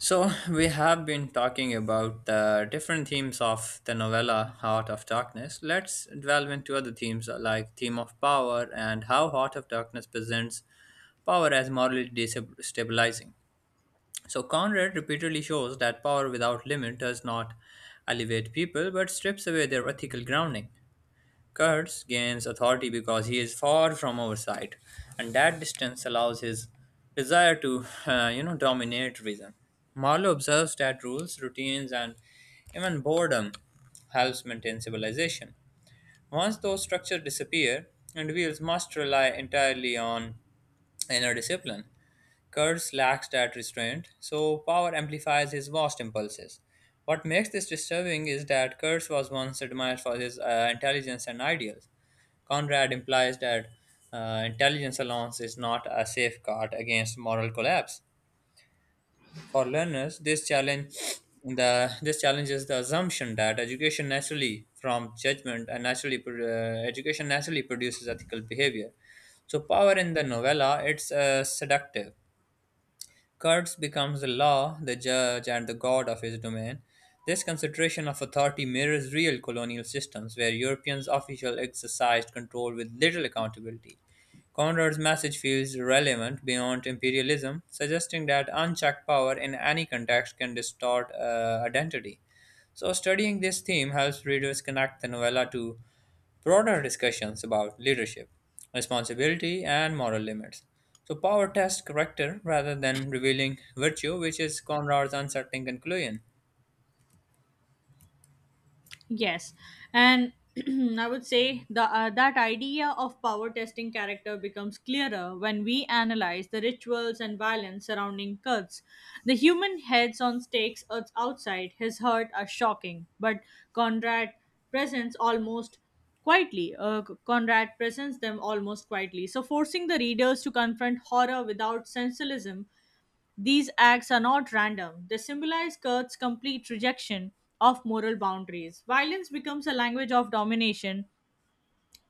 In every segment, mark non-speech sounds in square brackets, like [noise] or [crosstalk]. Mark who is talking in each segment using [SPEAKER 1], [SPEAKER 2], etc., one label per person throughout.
[SPEAKER 1] So, we have been talking about the different themes of the novella Heart of Darkness. Let's delve into other themes, like theme of power and how Heart of Darkness presents power as morally destabilizing. So, Conrad repeatedly shows that power without limit does not elevate people but strips away their ethical grounding. Kurtz gains authority because he is far from oversight, and that distance allows his desire to, dominate reason. Marlowe observes that rules, routines, and even boredom helps maintain civilization. Once those structures disappear, individuals must rely entirely on inner discipline. Kurtz lacks that restraint, so power amplifies his vast impulses. What makes this disturbing is that Kurtz was once admired for his intelligence and ideals. Conrad implies that intelligence alone is not a safeguard against moral collapse. For learners, this challenges the assumption that education naturally from judgment and education naturally produces ethical behavior. So power in the novella it's seductive. Kurtz becomes the law, the judge, and the god of his domain. This consideration of authority mirrors real colonial systems where Europeans officials exercised control with little accountability. Conrad's message feels relevant beyond imperialism, suggesting that unchecked power in any context can distort identity. So, studying this theme helps readers connect the novella to broader discussions about leadership, responsibility, and moral limits. So, power tests character rather than revealing virtue, which is Conrad's unsettling conclusion.
[SPEAKER 2] Yes, and [clears throat] I would say the that idea of power testing character becomes clearer when we analyze the rituals and violence surrounding cults. The human heads on stakes outside his hut are shocking, but Conrad presents almost Conrad presents them almost quietly, so forcing the readers to confront horror without sensationalism. These acts are not random. They symbolize Kurt's complete rejection of moral boundaries. Violence becomes a language of domination,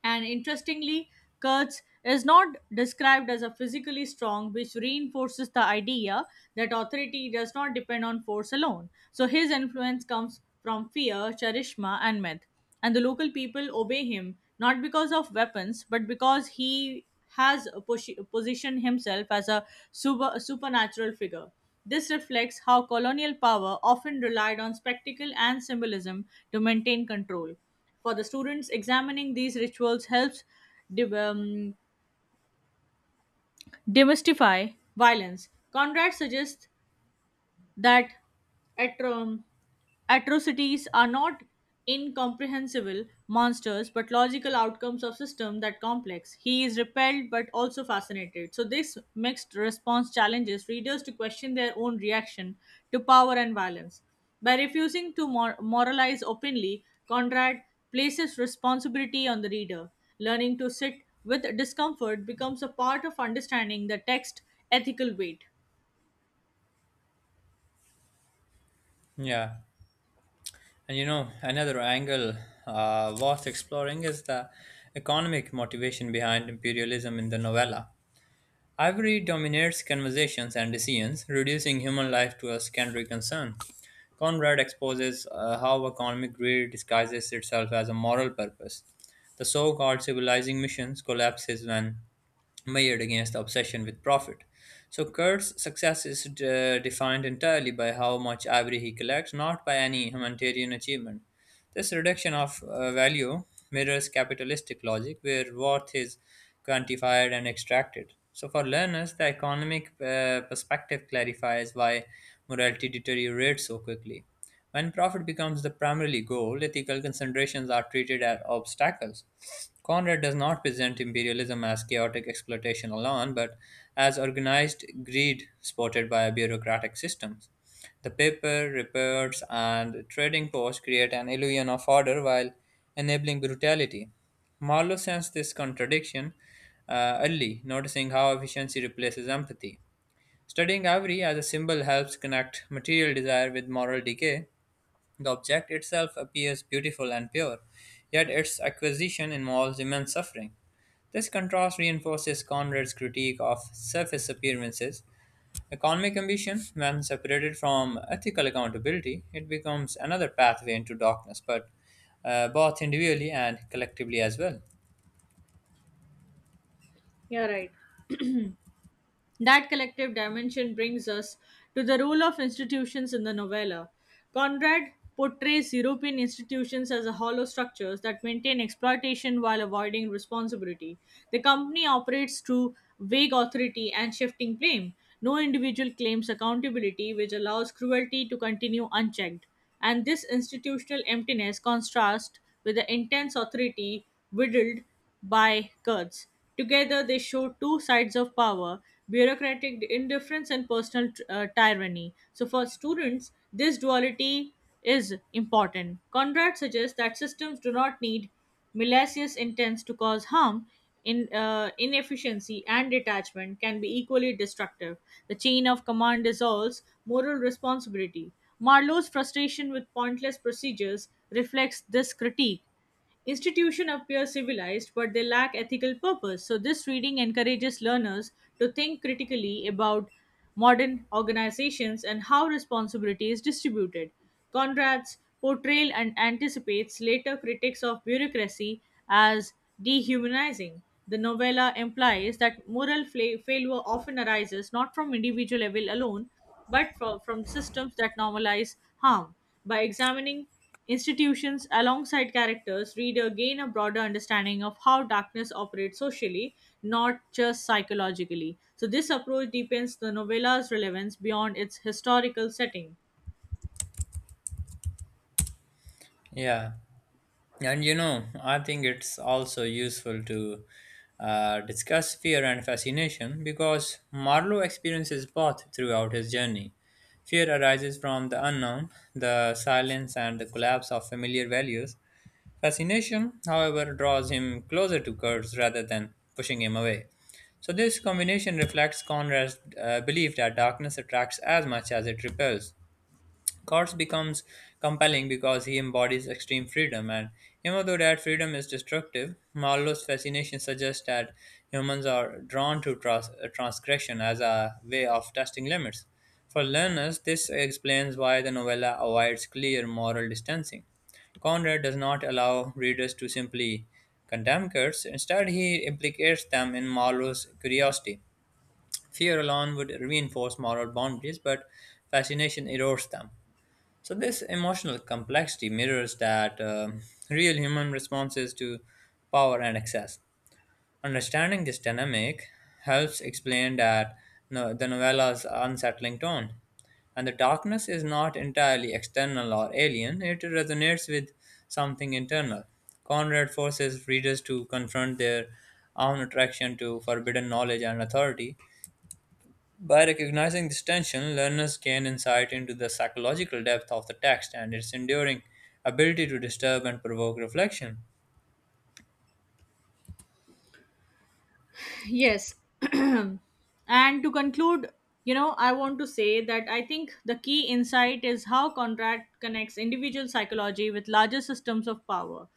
[SPEAKER 2] and interestingly, Kurtz is not described as a physically strong, which reinforces the idea that authority does not depend on force alone. So his influence comes from fear, charisma, and myth. And the local people obey him not because of weapons, but because he has positioned himself as a supernatural figure. This reflects how colonial power often relied on spectacle and symbolism to maintain control. For the students, examining these rituals helps de- um, demystify violence. Conrad suggests that atro- atrocities are not incomprehensible monsters but logical outcomes of system that complex. He is repelled but also fascinated, so this mixed response challenges readers to question their own reaction to power and violence. By refusing to moralize openly, Conrad places responsibility on the reader. Learning to sit with discomfort becomes a part of understanding the text ethical weight.
[SPEAKER 1] Yeah, and you know, another angle worth exploring is the economic motivation behind imperialism in the novella. Ivory dominates conversations and decisions, reducing human life to a secondary concern. Conrad exposes how economic greed disguises itself as a moral purpose. The so called civilizing missions collapses when measured against the obsession with profit. So Kurt's success is defined entirely by how much ivory he collects, not by any humanitarian achievement. This reduction of value mirrors capitalistic logic, where worth is quantified and extracted. So, for learners, the economic perspective clarifies why morality deteriorates so quickly. When profit becomes the primary goal, ethical considerations are treated as obstacles. Conrad does not present imperialism as chaotic exploitation alone, but as organized greed supported by bureaucratic systems. The paper, reports, and trading posts create an illusion of order while enabling brutality. Marlowe sensed this contradiction early, noticing how efficiency replaces empathy. Studying ivory as a symbol helps connect material desire with moral decay, the object itself appears beautiful and pure, yet its acquisition involves immense suffering. This contrast reinforces Conrad's critique of surface appearances. Economic ambition, when separated from ethical accountability, it becomes another pathway into darkness, but both individually and collectively as well.
[SPEAKER 2] Yeah, right. That collective dimension brings us to the role of institutions in the novella. Conrad portrays European institutions as a hollow structures that maintain exploitation while avoiding responsibility. The company operates through vague authority and shifting blame. No individual claims accountability, which allows cruelty to continue unchecked. And this institutional emptiness contrasts with the intense authority wielded by Kurtz. Together, they show two sides of power: bureaucratic indifference and personal tyranny. So, for students, this duality is important. Conrad suggests that systems do not need malicious intents to cause harm. Inefficiency and detachment can be equally destructive. The chain of command dissolves moral responsibility. Marlowe's frustration with pointless procedures reflects this critique. Institutions appear civilized, but they lack ethical purpose. So, this reading encourages learners to think critically about modern organizations and how responsibility is distributed. Conrad's portrayal and anticipates later critics of bureaucracy as dehumanizing. The novella implies that moral failure often arises not from individual evil alone, but from systems that normalize harm. By examining institutions alongside characters, reader gain a broader understanding of how darkness operates socially, not just psychologically. So, this approach deepens the novella's relevance beyond its historical setting.
[SPEAKER 1] Yeah. And you know, I think it's also useful to discuss fear and fascination because Marlowe experiences both throughout his journey. Fear arises from the unknown, the silence, and the collapse of familiar values. Fascination, however, draws him closer to Kurtz rather than pushing him away. So, this combination reflects Conrad's belief that darkness attracts as much as it repels. Kurtz becomes compelling because he embodies extreme freedom, and even though that freedom is destructive, Marlowe's fascination suggests that humans are drawn to transgression as a way of testing limits. For learners, this explains why the novella avoids clear moral distancing. Conrad does not allow readers to simply condemn Kurtz, instead, he implicates them in Marlowe's curiosity. Fear alone would reinforce moral boundaries, but fascination erodes them. So, this emotional complexity mirrors that real human responses to power and excess. Understanding this dynamic helps explain that no, the novela's unsettling tone. And the darkness is not entirely external or alien, it resonates with something internal. Conrad forces readers to confront their own attraction to forbidden knowledge and authority, by recognizing this tension, learners gain insight into the psychological depth of the text and its enduring ability to disturb and provoke reflection.
[SPEAKER 2] Yes. [clears throat] And to conclude, I want to say that I think the key insight is how Conrad connects individual psychology with larger systems of power.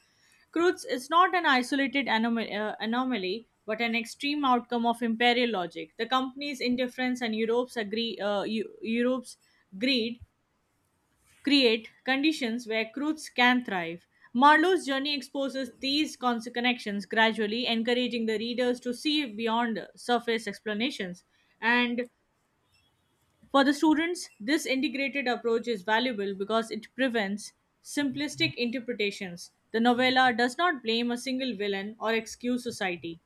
[SPEAKER 2] Kreutz is not an isolated anomaly, but an extreme outcome of imperial logic. The company's indifference and Eu- Europe's greed create conditions where Croods can thrive. Marlowe's journey exposes these connections gradually, encouraging the readers to see beyond surface explanations. And for the students, this integrated approach is valuable because it prevents simplistic interpretations. The novella does not blame a single villain or excuse society.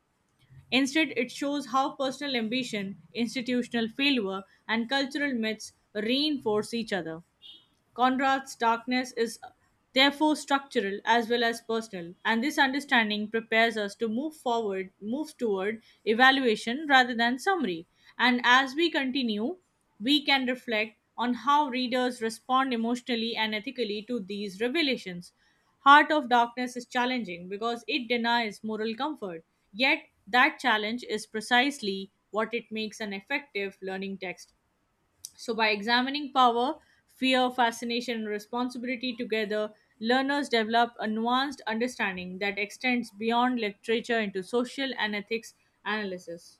[SPEAKER 2] Instead, it shows how personal ambition, institutional failure, and cultural myths reinforce each other. Conrad's darkness is therefore structural as well as personal, and this understanding prepares us to move forward, move toward evaluation rather than summary. And as we continue, we can reflect on how readers respond emotionally and ethically to these revelations. Heart of Darkness is challenging because it denies moral comfort. Yet, that challenge is precisely what it makes an effective learning text. So, by examining power, fear, fascination, and responsibility together, learners develop a nuanced understanding that extends beyond literature into social and ethics analysis.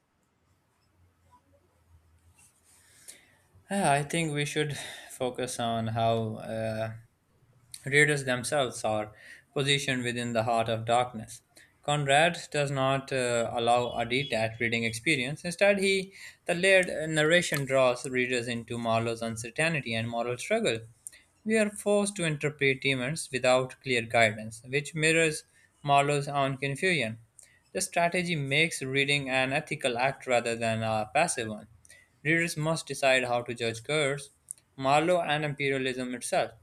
[SPEAKER 1] Ah, I think we should focus on how Raiders themselves are positioned within the heart of darkness. Conrad does not allow a detached reading experience. Instead, he the layered narration draws readers into Marlowe's uncertainty and moral struggle. We are forced to interpret demons without clear guidance, which mirrors Marlowe's own confusion. The strategy makes reading an ethical act rather than a passive one. Readers must decide how to judge Kurtz, Marlowe, and imperialism itself.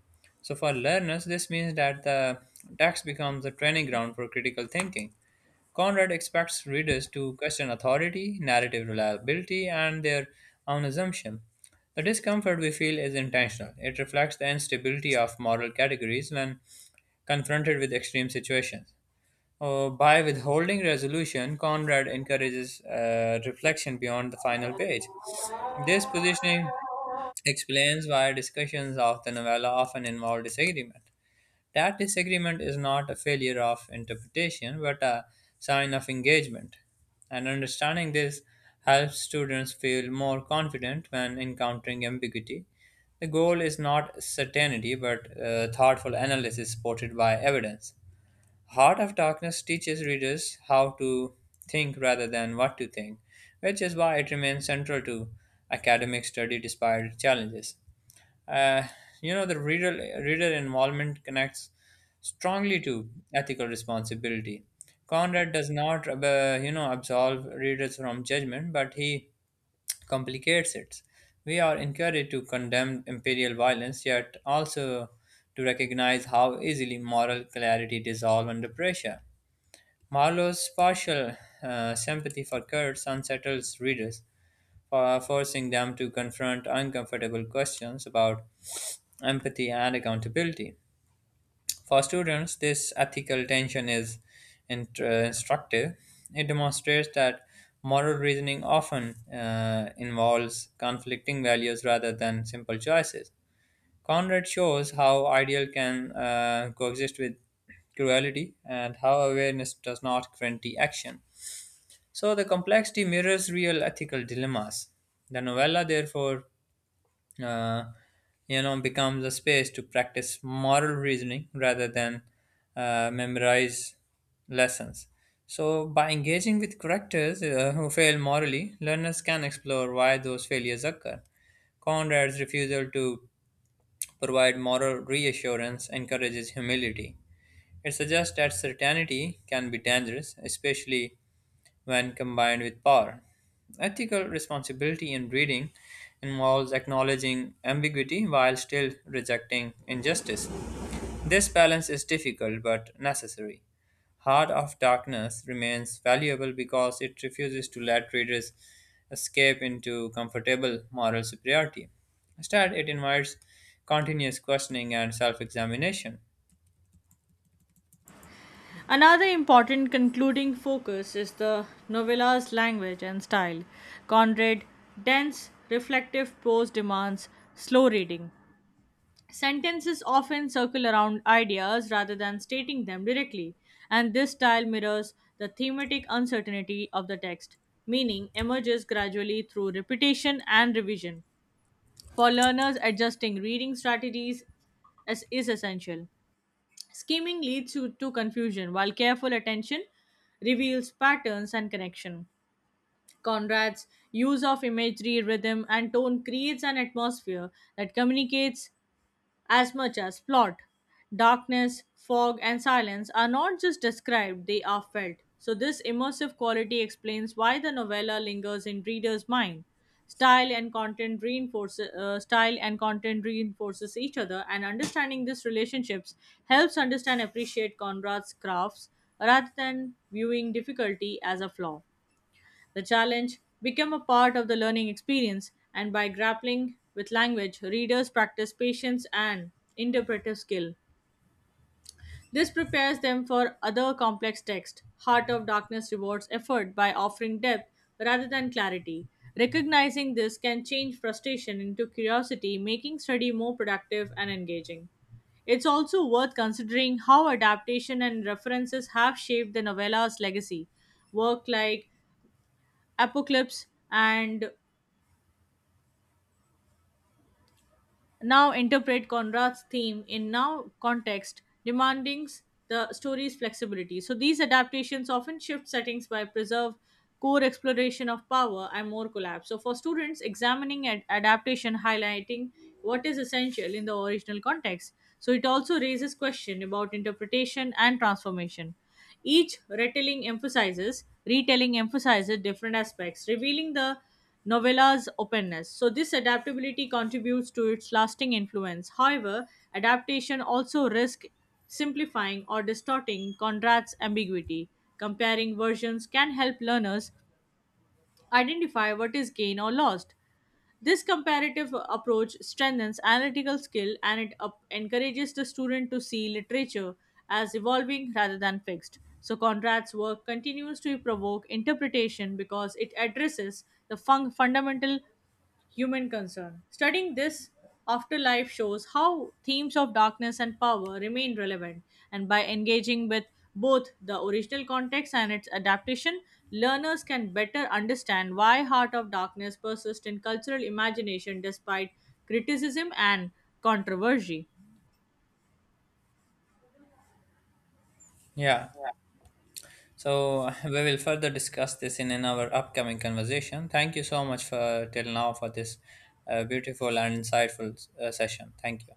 [SPEAKER 1] So, for learners, this means that the text becomes a training ground for critical thinking. Conrad expects readers to question authority, narrative reliability, and their own assumption. The discomfort we feel is intentional. It reflects the instability of moral categories when confronted with extreme situations. By withholding resolution, Conrad encourages reflection beyond the final page. This positioning explains why discussions of the novella often involve disagreement. That disagreement is not a failure of interpretation, but a sign of engagement. And understanding this helps students feel more confident when encountering ambiguity. The goal is not certainty, but thoughtful analysis supported by evidence. Heart of Darkness teaches readers how to think rather than what to think, which is why it remains central to academic study despite challenges. Uh, the reader involvement connects strongly to ethical responsibility. Conrad does not, absolve readers from judgment, but he complicates it. We are encouraged to condemn imperial violence, yet also to recognize how easily moral clarity dissolves under pressure. Marlowe's partial sympathy for Kurds unsettles readers, for forcing them to confront uncomfortable questions about empathy and accountability. For students, this ethical tension is instructive. It demonstrates that moral reasoning often involves conflicting values rather than simple choices. Conrad shows how ideal can coexist with cruelty and how awareness does not guarantee action. So the complexity mirrors real ethical dilemmas. The novella, therefore, uh, becomes a space to practice moral reasoning rather than memorize lessons. So, by engaging with characters who fail morally, learners can explore why those failures occur. Conrad's refusal to provide moral reassurance encourages humility. It suggests that certainty can be dangerous, especially when combined with power. Ethical responsibility in breeding involves acknowledging ambiguity while still rejecting injustice. This balance is difficult but necessary. Heart of Darkness remains valuable because it refuses to let readers escape into comfortable moral superiority. Instead, it invites continuous questioning and self examination.
[SPEAKER 2] Another important concluding focus is the novella's language and style. Conrad, dense, reflective prose demands slow reading. Sentences often circle around ideas rather than stating them directly, and this style mirrors the thematic uncertainty of the text. Meaning emerges gradually through repetition and revision. For learners, adjusting reading strategies is essential. Scheming leads to confusion, while careful attention reveals patterns and connection. Conrad's use of imagery, rhythm, and tone creates an atmosphere that communicates as much as plot. Darkness, fog, and silence are not just described, they are felt. So, this immersive quality explains why the novella lingers in readers' mind. Style and content reinforces each other, and understanding these relationships helps understand appreciate Conrad's crafts rather than viewing difficulty as a flaw. The challenge became a part of the learning experience, and by grappling with language, readers practice patience and interpretive skill. This prepares them for other complex texts. Heart of Darkness rewards effort by offering depth rather than clarity. Recognizing this can change frustration into curiosity, making study more productive and engaging. It's also worth considering how adaptation and references have shaped the novella's legacy. Work like Apocalypse and now interpret Conrad's theme in now context, demanding the story's flexibility. So these adaptations often shift settings by preserve core exploration of power and more collapse. So for students, examining an adaptation highlighting what is essential in the original context. So it also raises question about interpretation and transformation. Each retelling emphasizes different aspects, revealing the novella's openness. So this adaptability contributes to its lasting influence. However, adaptation also risks simplifying or distorting Conrad's ambiguity. Comparing versions can help learners identify what is gained or lost. This comparative approach strengthens analytical skill, and it encourages the student to see literature as evolving rather than fixed. So, Conrad's work continues to provoke interpretation because it addresses the fundamental human concern. Studying this afterlife shows how themes of darkness and power remain relevant, and by engaging with both the original context and its adaptation, learners can better understand why Heart of Darkness persists in cultural imagination despite criticism and controversy.
[SPEAKER 1] Yeah, so [laughs] we will further discuss this in our upcoming conversation. Thank you so much for till now for this beautiful and insightful session. Thank you.